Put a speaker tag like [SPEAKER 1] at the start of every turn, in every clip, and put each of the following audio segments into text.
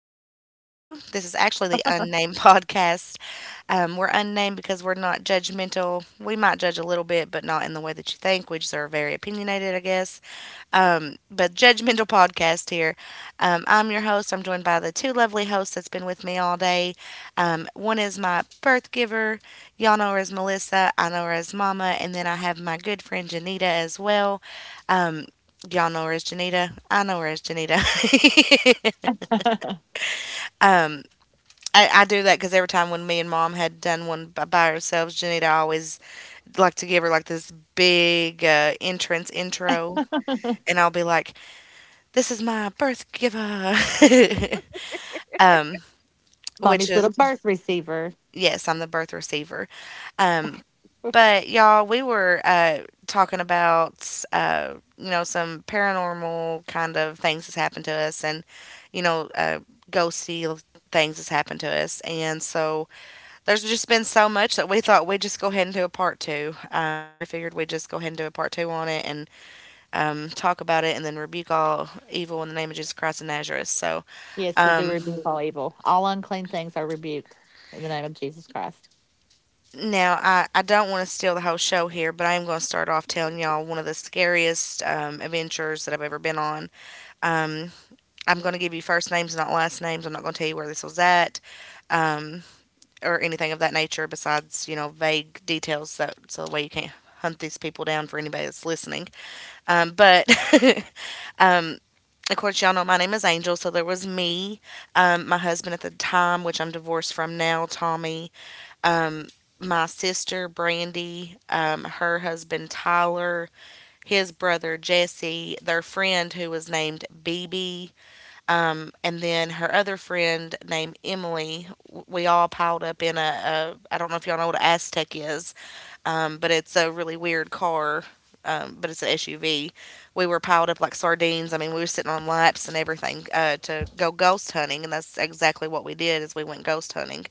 [SPEAKER 1] Adventures Part 2. This is actually the unnamed podcast. We're unnamed because we're not judgmental. We might judge a little bit, but not in the way that you think. We just are very opinionated, I guess. But Judgmental Podcast here. I'm your host. I'm joined by the two lovely hosts that's been with me all day. One is my birth giver. Y'all know her as Melissa. I know her as Mama. And then I have my good friend Janita as well. Um, Y'all know her as Janita. I know her as Janita. um, I do that because every time when me and Mom had done one by ourselves, Janita I always like to give her like this big entrance intro. And I'll be like, this is my birth giver. um, which is yes, I'm the birth receiver. Um, but y'all, we were talking about some paranormal kind of things that's happened to us, and you know uh ghosty things that's happened to us, and so there's just been so much that we thought we'd just go ahead and do a part two. We figured we'd just go ahead and do a part two on it and talk about it, and then rebuke all evil in the name of Jesus Christ of Nazareth. So um Now, I, I don't want to steal the whole show here, but I am going to start off telling y'all one of the scariest adventures that I've ever been on. Um, I'm going to give you first names, not last names. I'm not going to tell you where this was at um, or anything of that nature besides, you know, vague details so that way you can't hunt these people down for anybody that's listening. Um, but, um, of course, y'all know my name is Angel, so there was me, my husband at the time, which I'm divorced from now, Tommy, my sister Brandy, her husband Tyler, his brother Jesse, their friend who was named BB, and then her other friend named Emily. We all piled up in a I don't know if y'all know what an Aztec is, but it's a really weird car. But it's an SUV. We were piled up like sardines. I mean, we were sitting on laps and everything, to go ghost hunting, and that's exactly what we did. Is we went ghost hunting,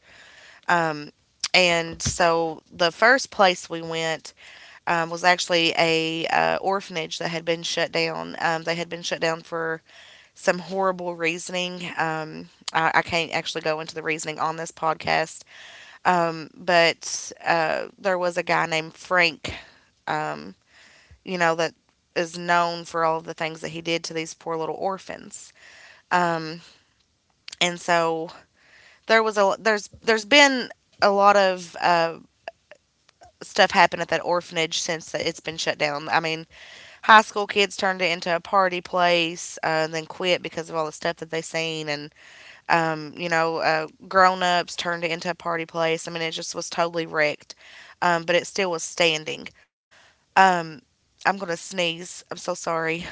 [SPEAKER 1] and so the first place we went, was actually a orphanage that had been shut down. They had been shut down for some horrible reasoning. I can't actually go into the reasoning on this podcast, but there was a guy named Frank. Um, you know that is known for all of the things that he did to these poor little orphans, and so there's been a lot of stuff happened at that orphanage since it's been shut down. I mean, high school kids turned it into a party place, and then quit because of all the stuff that they seen, and grown ups turned it into a party place. I mean, it just was totally wrecked, but it still was standing. I'm gonna sneeze. I'm so sorry.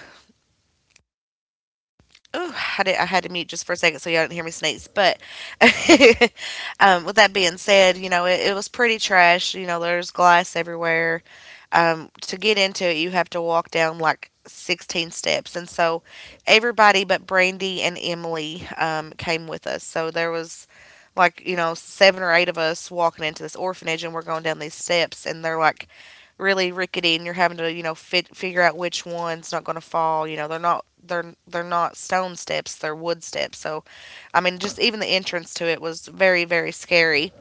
[SPEAKER 1] Oh, I had to mute just for a second so y'all didn't hear me sneeze. But with that being said, you know, it was pretty trash. You know, there's glass everywhere. To get into it, you have to walk down like 16 steps. And so everybody but Brandy and Emily, came with us. So there was, like, you know, seven or eight of us walking into this orphanage, and we're going down these steps. And they're like really rickety, and you're having to, you know, figure out which one's not going to fall. You know, they're not stone steps, they're wood steps. So I mean, just even the entrance to it was very scary.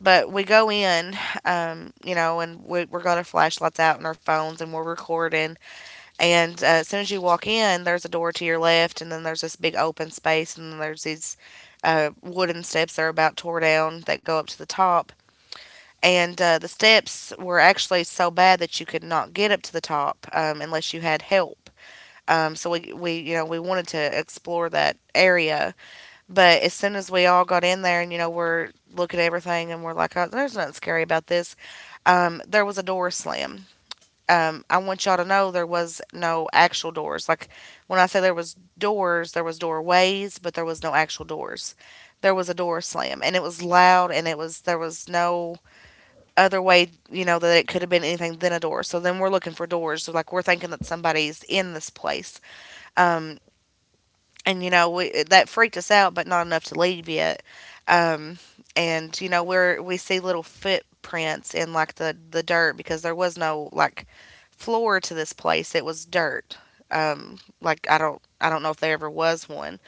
[SPEAKER 1] But we go in. You know, and we, we're got our flashlights out and our phones, and we're recording. And as soon as you walk in, there's a door to your left, and then there's this big open space, and then there's these wooden steps that are about tore down that go up to the top. And the steps were actually so bad that you could not get up to the top unless you had help. So we you know we wanted to explore that area, but as soon as we all got in there and you know we're looking at everything and we're like, oh, there's nothing scary about this. There was a door slam. I want y'all to know there was no actual doors. Like, when I say there was doors, there was doorways, but there was no actual doors. There was a door slam, and it was loud, and it was there was no other way, you know, that it could have been anything than a door. So then we're looking for doors. So, like, we're thinking that somebody's in this place. Um, and you know, we, that freaked us out, but not enough to leave yet. Um, and you know, we're we see little footprints in like the dirt because there was no like floor to this place. It was dirt. Like, I don't know if there ever was one,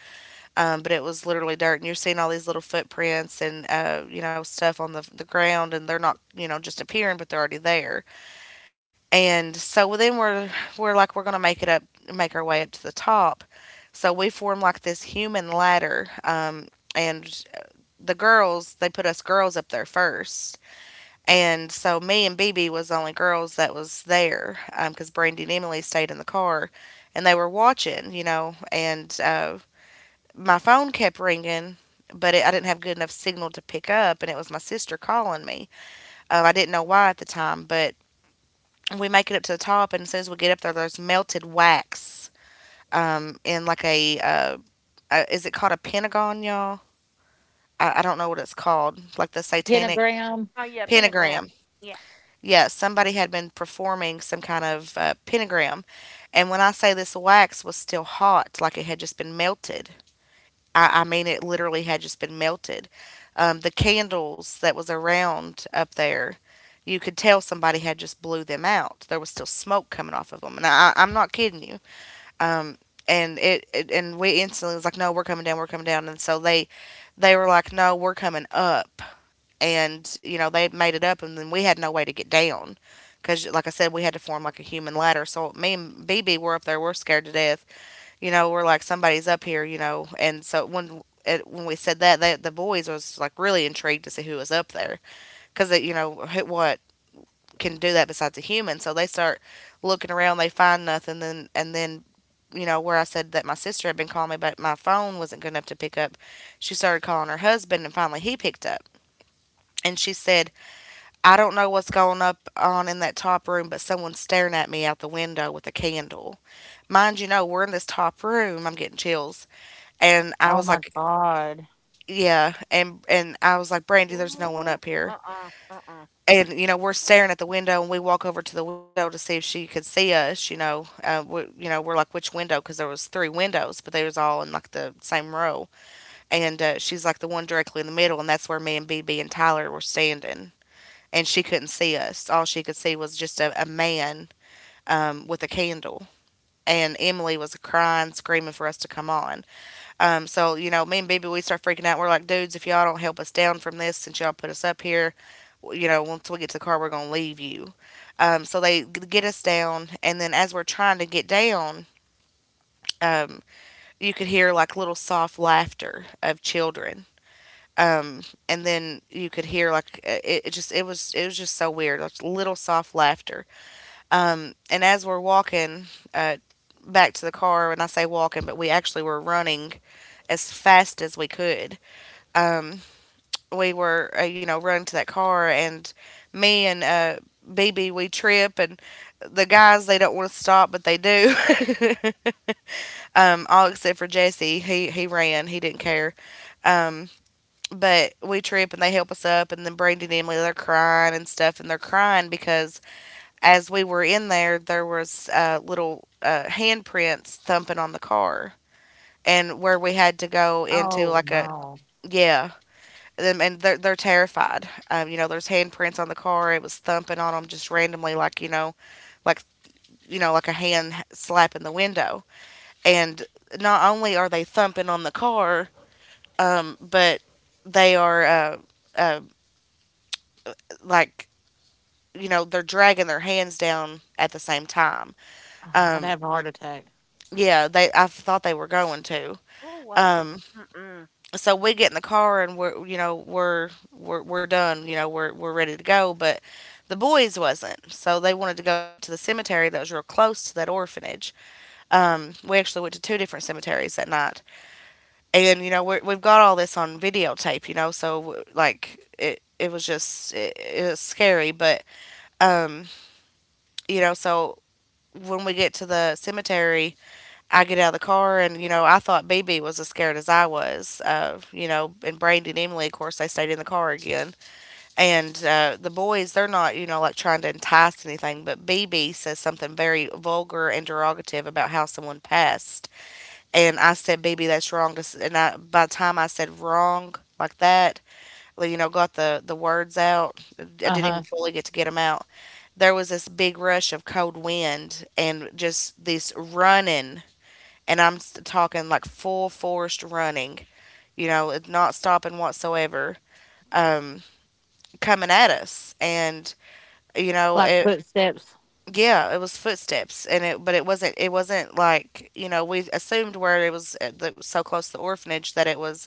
[SPEAKER 1] but it was literally dirt, and you're seeing all these little footprints and, you know, stuff on the ground, and they're not, you know, just appearing, but they're already there. And so then we're like, we're gonna make it up, make our way up to the top. So we form like this human ladder. And the girls, they put us girls up there first. And so me and BB was the only girls that was there because, Brandy and Emily stayed in the car, and they were watching, you know. And my phone kept ringing, but I didn't have good enough signal to pick up, and it was my sister calling me. I didn't know why at the time, but we make it up to the top, and as soon as we get up there, there's melted wax in like a, is it called a pentagon, y'all? I don't know what it's called, like the satanic
[SPEAKER 2] Oh yeah,
[SPEAKER 1] pentagram.
[SPEAKER 2] pentagram. Yeah.
[SPEAKER 1] Yeah, somebody had been performing some kind of pentagram, and when I say this wax was still hot, like it had just been melted. I mean, it literally had just been melted. The candles that was around up there, you could tell somebody had just blew them out. There was still smoke coming off of them, and I'm not kidding you. Um, and it, it and we instantly was like, no, we're coming down, we're coming down. And so they were like, no, we're coming up. And you know they made it up, and then we had no way to get down because like I said, we had to form like a human ladder. So me and BB were up there, we're scared to death. You know, we're like somebody's up here, you know. And so when when we said that, they, the boys was like really intrigued to see who was up there because you know what can do that besides a human. So they start looking around, they find nothing, then you know where I said that my sister had been calling me, but my phone wasn't good enough to pick up. She started calling her husband, and finally he picked up. And she said, "I don't know what's going up on in that top room, but someone's staring at me out the window with a candle." Mind you, know we're in this top room. I'm getting chills, and I was like, "Yeah," and I was like, "Brandy, there's no one up
[SPEAKER 2] Ooh.
[SPEAKER 1] here."
[SPEAKER 2] Uh-uh. Uh-uh.
[SPEAKER 1] And you know we're staring at the window, and we walk over to the window to see if she could see us. You know, you know, we're like, which window, because there was three windows, but they was all in like the same row. And she's like the one directly in the middle, and that's where me and BB and Tyler were standing. And she couldn't see us. All she could see was just a man with a candle. And Emily was crying, screaming for us to come on. So you know, me and Bibi, we start freaking out. We're like, dudes, if y'all don't help us down from this, since y'all put us up here, you know, once we get to the car, we're gonna leave you. So they get us down, and then as we're trying to get down, um, you could hear like little soft laughter of children. Um, and then you could hear like it was just so weird, like little soft laughter. And as we're walking uh, back to the car, and I say walking, but we actually were running as fast as we could. um, we were you know, running to that car. And me and BB, we trip, and the guys, they don't want to stop, but they do. All except for Jesse. He ran, he didn't care. um, but we trip and they help us up, and then Brandy and Emily, they're crying and stuff, and they're crying because as we were in there, there was little handprints thumping on the car, and where we had to go into like a, yeah. And they're terrified. You know, there's handprints on the car. It was thumping on them just randomly, like like like a hand slapping the window. And not only are they thumping on the car, but they are, uh, like, you know, they're dragging their hands down at the same time. Um, yeah, they, I thought they were going to.
[SPEAKER 2] Oh wow.
[SPEAKER 1] Um,
[SPEAKER 2] Mm-mm.
[SPEAKER 1] so we get in the car and we're, you know, we're, we're done, you know, we're ready to go, but the boys wasn't, so they wanted to go up to the cemetery that was real close to that orphanage. We actually went to two different cemeteries that night. And you know we've got all this on videotape, you know, so like it was just it was scary. But um, you know. So when we get to the cemetery, I get out of the car, and you know, I thought BB was as scared as I was. You know, and Brandy and Emily, of course, they stayed in the car again. And the boys, they're not, you know, like trying to entice anything, but BB says something very vulgar and derogative about how someone passed. And I said, "BB, that's wrong. To s-" And I, by the time I said wrong like that, like, you know, got the words out, I didn't even fully get to get them out. There was this big rush of cold wind and just this running, and I'm talking like full forced running, you know, not stopping whatsoever, um, coming at us, and you know, it, yeah, it was footsteps, and it, but it wasn't like, you know, we assumed where it was, that it was so close to the orphanage that it was,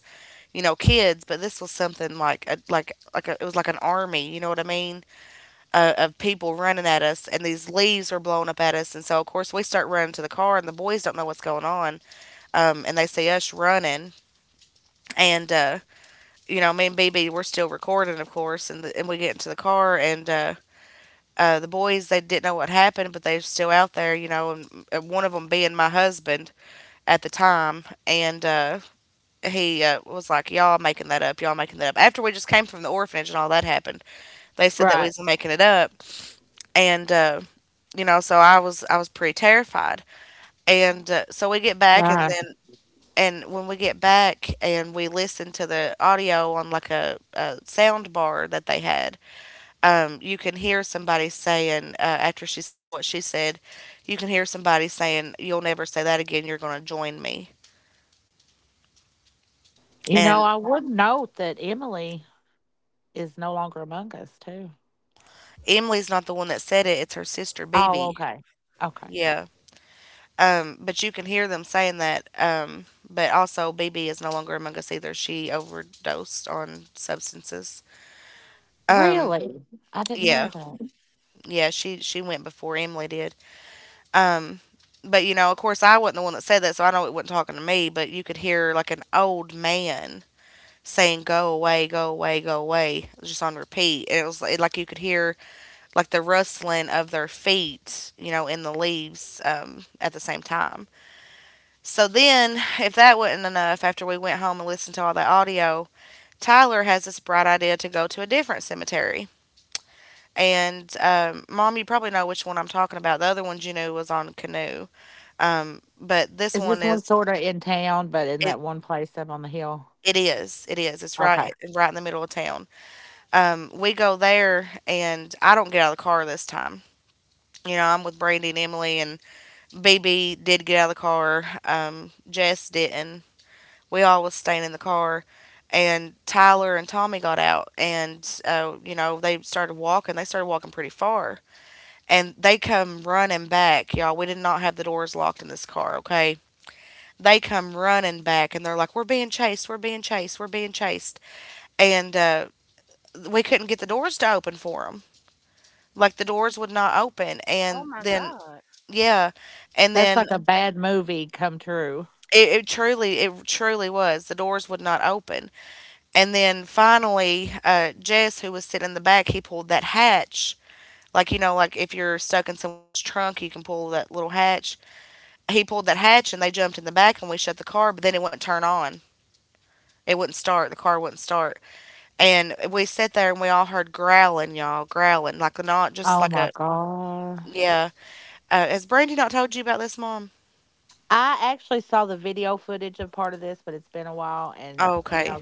[SPEAKER 1] you know, kids, but this was something like a, like like a, it was like an army, you know what I mean, of people running at us, and these leaves were blowing up at us, and so of course we start running to the car, and the boys don't know what's going on. And they see us running, and you know, me and BB were still recording, of course. And we get into the car, and the boys, they didn't know what happened, but they were still out there, you know, and one of them being my husband at the time. And he was like, "Y'all making that up? Y'all making that up?" After we just came from the orphanage and all that happened, they said that we was making it up. And You know, so I was, I was pretty terrified. And So we get back, and then, and when we get back and we listen to the audio on like a sound bar that they had, you can hear somebody saying, after she said what she said, you can hear somebody saying, "You'll never say that again. You're going to join me." And Emily's not the one that said it; it's her sister, BB. Yeah. But you can hear them saying that. But also, BB is no longer among us either. She overdosed on substances. Um, yeah, yeah. She went before Emily did. Um, but you know, of course, I wasn't the one that said that, so I know it wasn't talking to me. But you could hear like an old man saying, "Go away, go away, go away," just on repeat. And it was like you could hear like the rustling of their feet, you know, in the leaves, at the same time. So then, if that wasn't enough, after we went home and listened to all that audio, Tyler has this bright idea to go to a different cemetery. And Mom, you probably know which one I'm talking about. The other one, you knew was on Canoe. But this one is, it. It is. It is. It's right. It's right in the middle of town. We go there, and I don't get out of the car this time. You know, I'm with Brandy and Emily, and BB did get out of the car. Jess didn't. We all was staying in the car, and Tyler and Tommy got out, and you know, they started walking. They started walking pretty far, and they come running back, y'all. We did not have the doors locked in this car. Okay, they come running back and they're like, "We're being chased! We're being chased! We're being chased!" And we couldn't get the doors to open for them. Like the doors would not open, and
[SPEAKER 2] Oh my
[SPEAKER 1] then
[SPEAKER 2] God.
[SPEAKER 1] yeah, and then it truly was, the doors would not open. And then finally, Jess, who was sitting in the back, he pulled that hatch. Like, you know, like if you're stuck in someone's trunk, you can pull that little hatch. He pulled that hatch, and they jumped in the back, and we shut the car. But then it wouldn't turn on. It wouldn't start. The car wouldn't start. And we sat there and we all heard growling, y'all, growling, like not just like a, yeah. Has Brandy not told you about this, Mom? Oh, okay.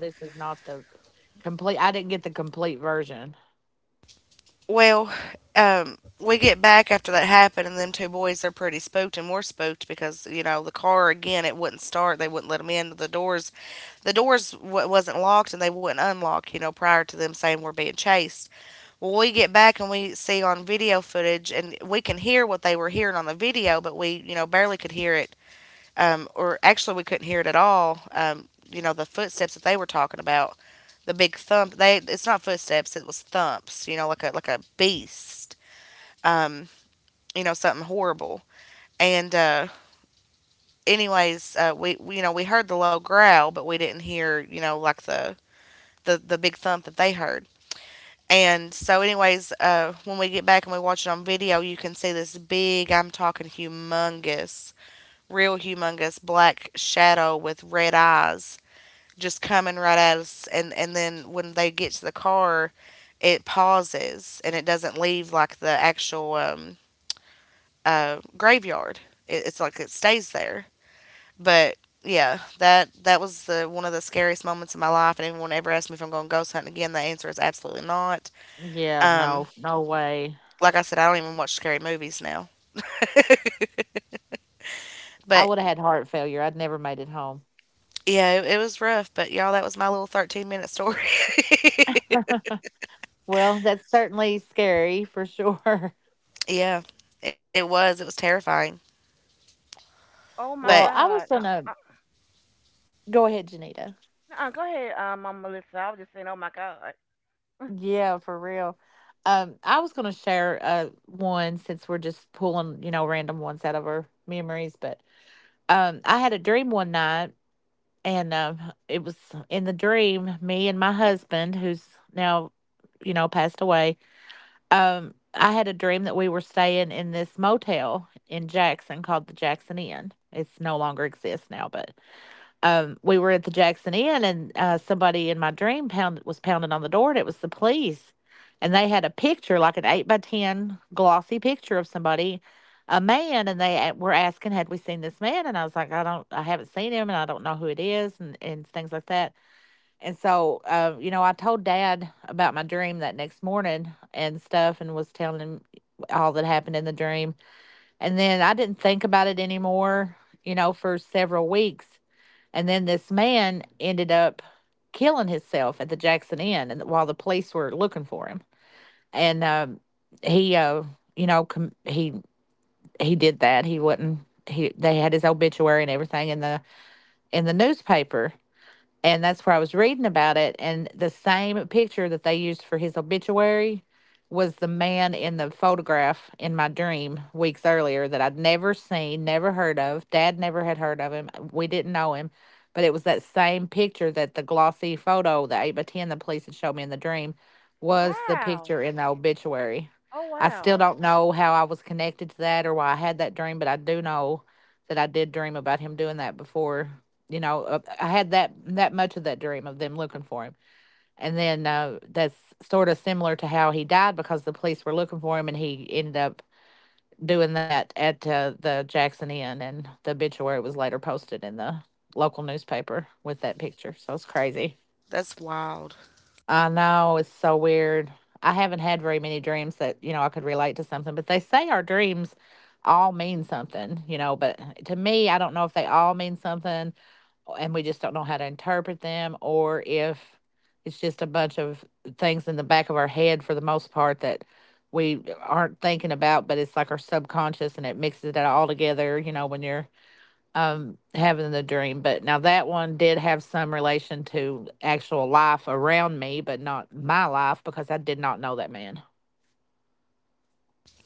[SPEAKER 1] Well, we get back after that happened, and them two boys, they're pretty spooked, and we're spooked because you know the car again it wouldn't start. They wouldn't let them in. The doors wasn't locked, and they wouldn't unlock. You know, prior to them saying we're being chased. Well, we get back and we see on video footage, and we can hear what they were hearing on the video, but we, you know, barely could hear it. Um, or actually we couldn't hear it at all. You know, the footsteps that they were talking about, the big thump. They, it's not footsteps, it was thumps. You know, like a, like a beast. Um, you know, something horrible. And anyways, we, you know, we heard the low growl, but we didn't hear, you know, like the big thump that they heard. And so, anyways, when we get back and we watch it on video, you can see this big, I'm talking humongous, real humongous black shadow with red eyes just coming right at us. And then when they get to the car, it pauses and it doesn't leave like the actual graveyard. It's like it stays there, but yeah, that, that was the one of the scariest moments in my life. And anyone ever asked me if I'm going ghost hunting again, the answer is absolutely not. Um, like I said, I don't even watch scary movies now. But yeah, it was rough. But y'all, that was my little 13-minute story. Yeah, it was, it was terrifying.
[SPEAKER 2] Oh my
[SPEAKER 1] But
[SPEAKER 2] God. Uh, go ahead, Mama Melissa. I was just saying, oh my God. Wow. Oh wow.
[SPEAKER 1] that's wild.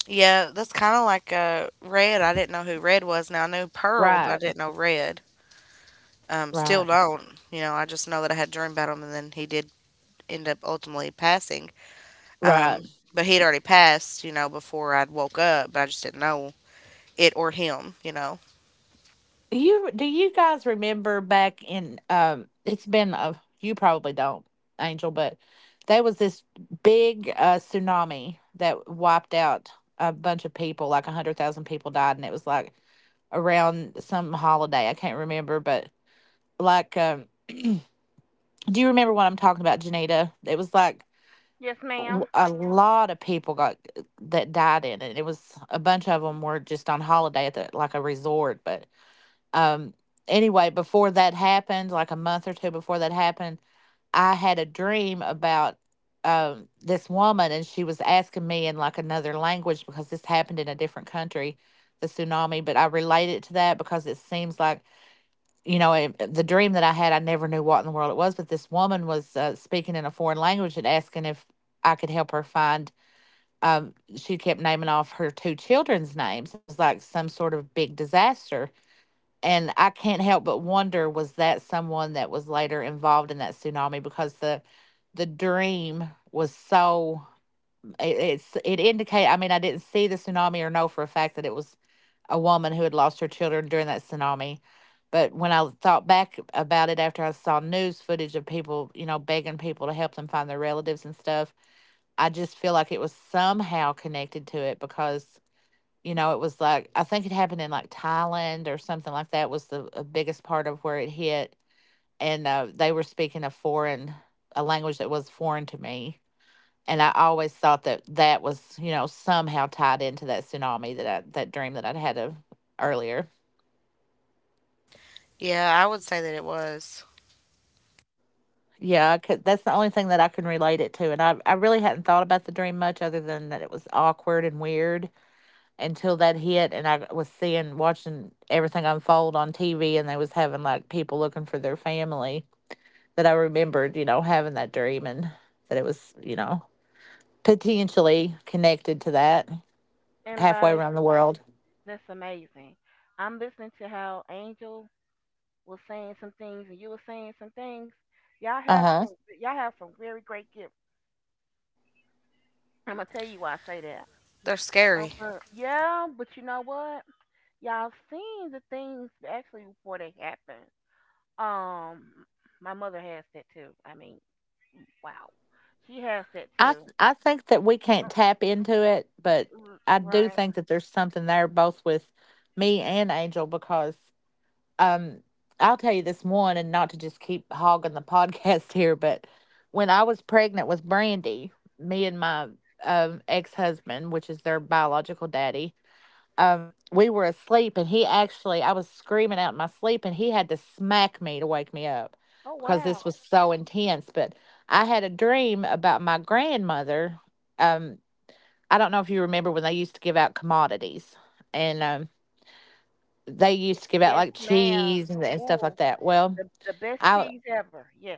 [SPEAKER 1] Yeah, that's kind of like Red. I didn't know who Red was. Now I knew Pearl, but I didn't know Red. Still don't. You know, I just know that I had a dream about him, and then he did end up ultimately passing. Um, but he'd already passed, you know, before I'd woke up. But I just didn't know it or him. You know.
[SPEAKER 2] Yes, ma'am.
[SPEAKER 1] Yeah, I would say that it was.
[SPEAKER 2] And by that's amazing. I'm listening to how Angel was saying some things and you were saying some things. Y'all have some. Y'all have some very great gifts. I'm gonna tell you why I say that.
[SPEAKER 1] They're scary.
[SPEAKER 2] Okay. Yeah, but you know what? Y'all seen the things actually before they happen. Um, my mother has that too. I mean, wow, she has that too. Uh, Right? Oh wow. Y- Yes, ma'am. Ooh, the best cheese ever. Yes.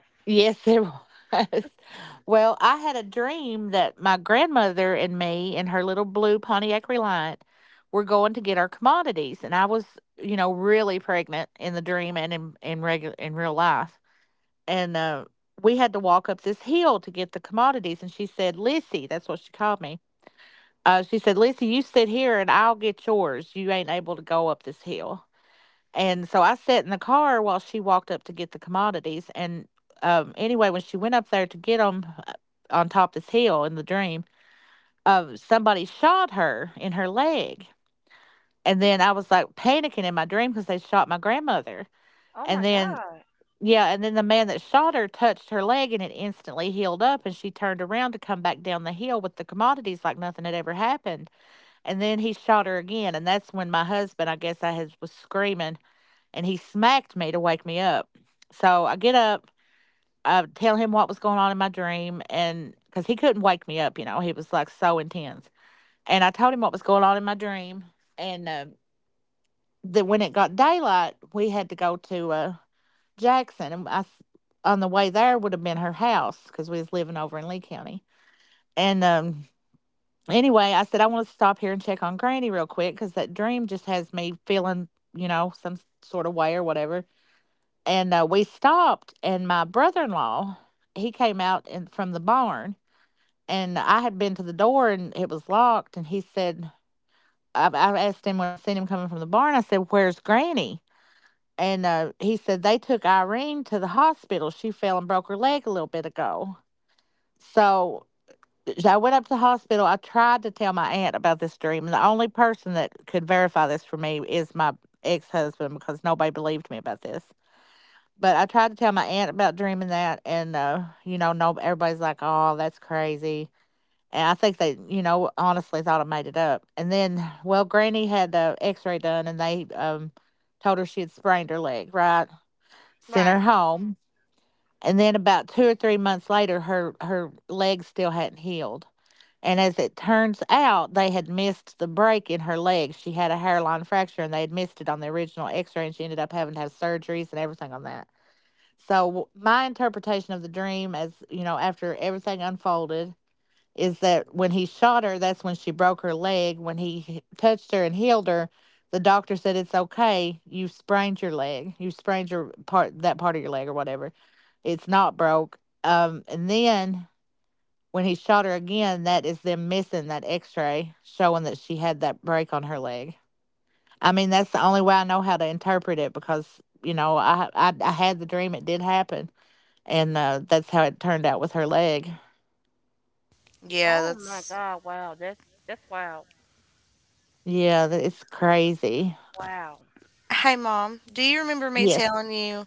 [SPEAKER 2] Oh my God. Right.
[SPEAKER 1] Yeah,
[SPEAKER 2] Oh my
[SPEAKER 1] that's.
[SPEAKER 2] God. Wow. That's wow. Wow.
[SPEAKER 1] Hey, Mom, do you remember me telling you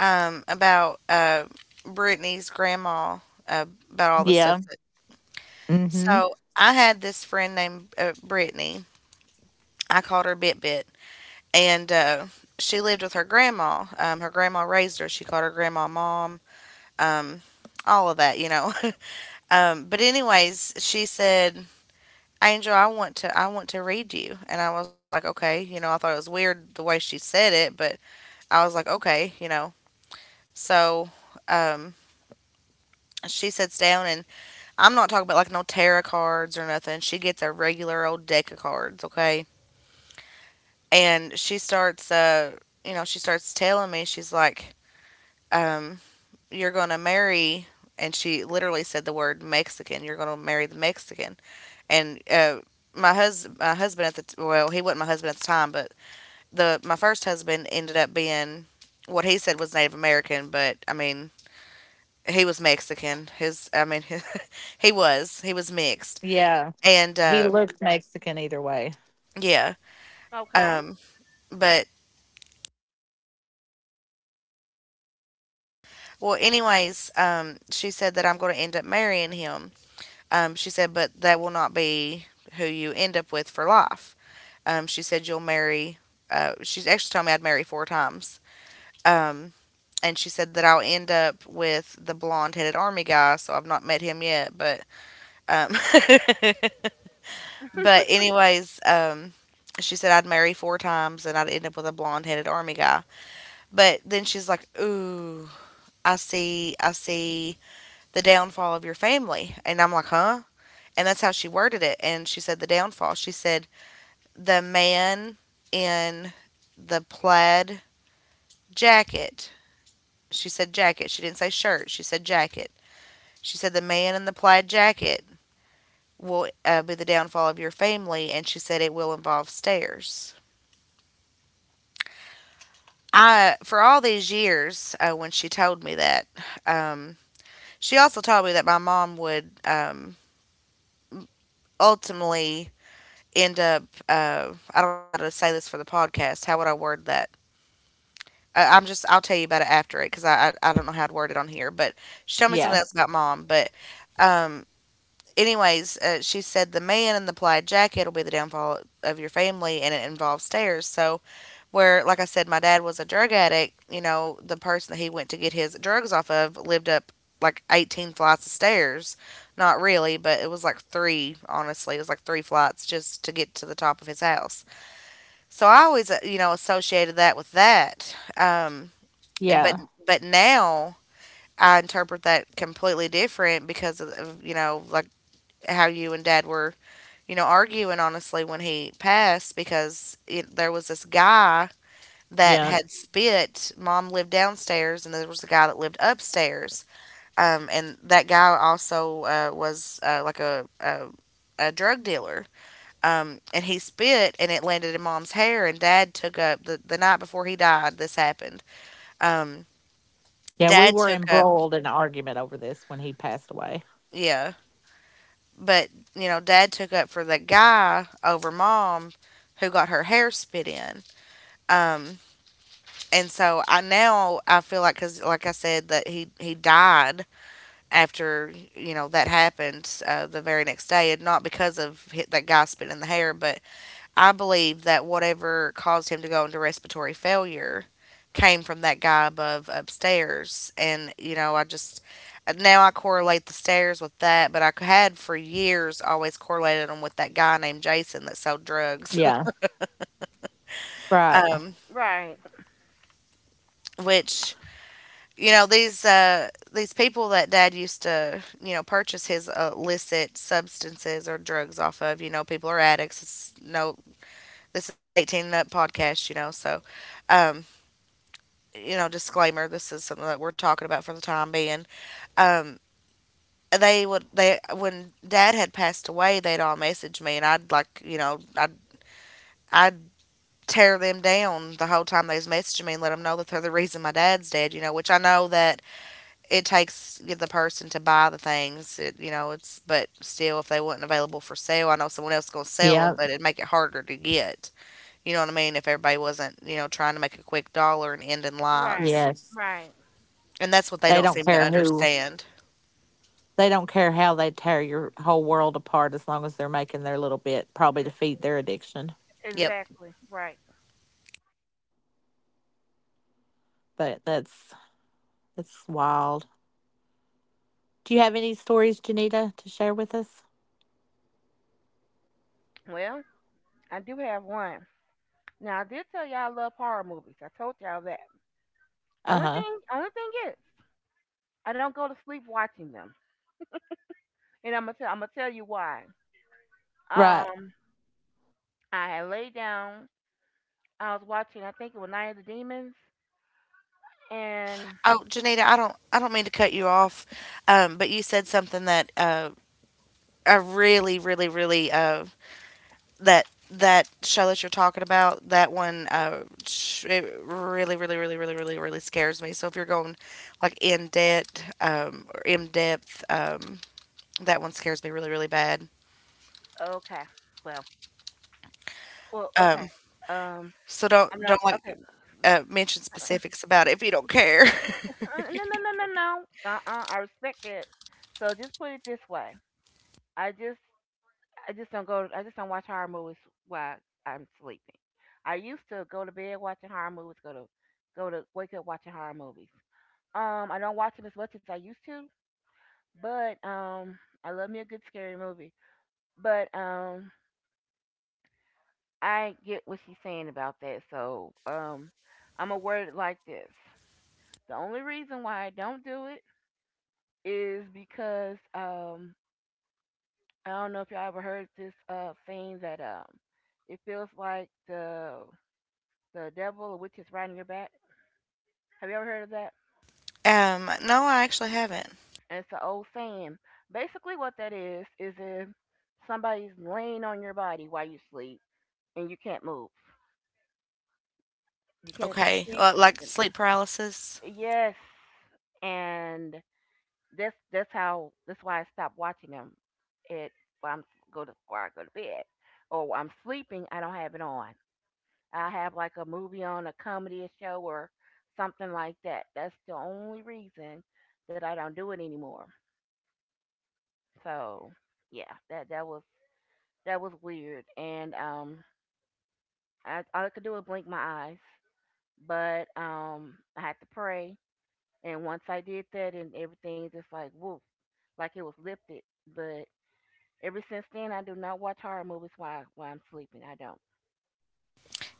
[SPEAKER 1] um, about uh, Brittany's grandma, uh, about all the stuff? So I had this friend named Brittany. I called her Bit Bit, and she lived with her grandma. Her grandma raised her. She called her grandma mom. Um, all of that, you know. But anyways, she said, "Angel, I want to read you." And I was like, "Okay," I thought it was weird the way she said it, but I was like, "Okay," So. Um, she sits down and I'm not talking about like no tarot cards or nothing. She gets a regular old deck of cards, okay? And she starts she starts telling me. She's like, um "You're gonna marry," and she literally said the word Mexican. "You're gonna marry the Mexican." And my hus my husband at well, he wasn't my husband at the time, but the my first husband ended up being what he said was Native American, but I mean, he was Mexican. His I mean, he was mixed. And Yeah.
[SPEAKER 2] Okay.
[SPEAKER 1] um but Well, anyways, she said that I'm going to end up marrying him. She said, but that will not be who you end up with for life. She said, you'll marry. She's actually told me I'd marry four times. Um, and she said that I'll end up with the blonde headed army guy. So I've not met him yet, but um, but anyways, she said I'd marry four times and I'd end up with a blonde headed army guy. But then she's like, ooh, I see the downfall of your family, and I'm like, huh? And that's how she worded it. And she said the downfall. She said the man in the plaid jacket. She said jacket. She didn't say shirt. She said jacket. She said the man in the plaid jacket will be the downfall of your family. And she said it will involve stairs. For all these years, when she told me that, um, she also told me that my mom would ultimately end up. I don't know how to say this for the podcast. How would I word that? I'm just, I'll tell you about it after it, because I don't know how to word it on here. But she told me something else about mom. But um, Anyways, she said the man in the plaid jacket will be the downfall of your family, and it involves stairs. So where, like I said, my dad was a drug addict. You know, the person that he went to get his drugs off of lived up like 18 flights of stairs. Not really, but it was like three. Honestly, it was like three flights just to get to the top of his house. So I always, you know, associated that with that. And But now I interpret that completely different because you know, like how you and dad were, you know, arguing honestly when he passed. Because it, there was this guy that had spit. Mom lived downstairs and there was a guy that lived upstairs, and that guy also was like a drug dealer. And he spit and it landed in mom's hair, and dad took up the night before he died this happened. Um, dad took up yeah but You know, dad took up for that guy over mom, who got her hair spit in. Um, and so I Now I feel like, because like I said, that he died after, you know, that happened, the very next day. And not because of hit that guy spitting the hair, but I believe that whatever caused him to go into respiratory failure came from that guy above upstairs. And, you know, I just now I correlate the stairs with that, but I had for years always correlated them with that guy named Jason that sold drugs. um,
[SPEAKER 2] Right.
[SPEAKER 1] which, you know, these people that dad used to, you know, purchase his illicit substances or drugs off of, you know, people are addicts. It's no, this is an 18 and up podcast, you know, so um, you know, disclaimer, this is something that we're talking about for the time being. Um, they would, they, when dad had passed away, they'd all message me and I'd like, you know, I'd tear them down the whole time they was messaging me and let them know that they're the reason my dad's dead. You know, which I know that it takes the person to buy the things. It, you know, it's, but still, if they wasn't available for sale, I know someone else going to sell them, but it'd make it harder to get, you know what I mean? If everybody wasn't, you know, trying to make a quick dollar and end in
[SPEAKER 2] Right.
[SPEAKER 1] lives.
[SPEAKER 2] Right.
[SPEAKER 1] And that's what they don't seem to understand.
[SPEAKER 2] Th-
[SPEAKER 1] Yep.
[SPEAKER 2] Exactly. Right. Well, I do have one. Now I did tell y'all I love horror movies. I told y'all that. Only thing is, I don't go to sleep watching them, and I'm gonna tell you why. Um, I had laid down. I was watching. I think it was Night of the Demons, and
[SPEAKER 1] Oh, Janita, I don't mean to cut you off, but you said something that I really, really, really, that that show that you're talking about, that one, it really, really, really, really, really, really scares me. So if you're going like in debt, or in depth, that one scares me really, really bad.
[SPEAKER 2] okay, well, well, okay.
[SPEAKER 1] Um,
[SPEAKER 2] Um,
[SPEAKER 1] so
[SPEAKER 2] I'm not
[SPEAKER 1] don't
[SPEAKER 2] okay.
[SPEAKER 1] like mention specifics about it if you don't care.
[SPEAKER 2] No. I respect it. So just put it this way. I just I just don't go. I just don't watch horror movies while I'm sleeping. I used to go to bed watching horror movies. Go to wake up watching horror movies. I don't watch them as much as I used to, but I love me a good scary movie. But I get what she's saying about that. So I'm a word it like this. The only reason why I don't do it is because I don't know if y'all ever heard this saying that it feels like the devil or witch is riding your back. Have you ever heard of that?
[SPEAKER 1] No, I actually haven't.
[SPEAKER 2] And it's an old saying. Basically, what that is if somebody's laying on your body while you sleep and you can't move, you can't
[SPEAKER 1] Okay,
[SPEAKER 2] speak.
[SPEAKER 1] Like sleep paralysis.
[SPEAKER 2] Yes, and that's why I stopped watching them. It when I'm Go to where I go to bed or while I'm sleeping, I don't have it on. I have like a movie on, a comedy or show, or something like that. That's the only reason that I don't do it anymore. So yeah, that was weird, and I all I could do was blink my eyes, but I had to pray, and once I did that, and everything just like woof, like it was lifted. But ever since then, I do not watch horror movies while I'm sleeping. I don't.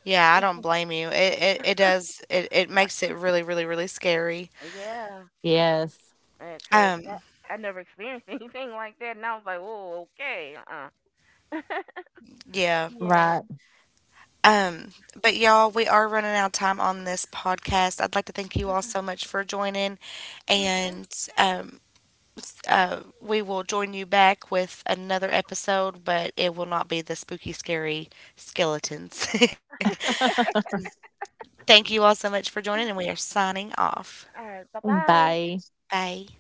[SPEAKER 1] Yeah, I don't blame you. It does it makes it really, really, really scary.
[SPEAKER 2] Yeah, because
[SPEAKER 1] Um,
[SPEAKER 2] I never experienced anything like that, and I was like, whoa, okay,
[SPEAKER 1] yeah.
[SPEAKER 2] yeah,
[SPEAKER 1] Um, but y'all, we are running out of time on this podcast. I'd like to thank you all
[SPEAKER 2] uh-uh,
[SPEAKER 1] so much for joining,
[SPEAKER 2] okay,
[SPEAKER 1] and um we will join you back with another episode, but it will not be the spooky, scary skeletons. Thank you all so much for joining, and we are signing off.
[SPEAKER 2] all right, bye bye.
[SPEAKER 1] Bye.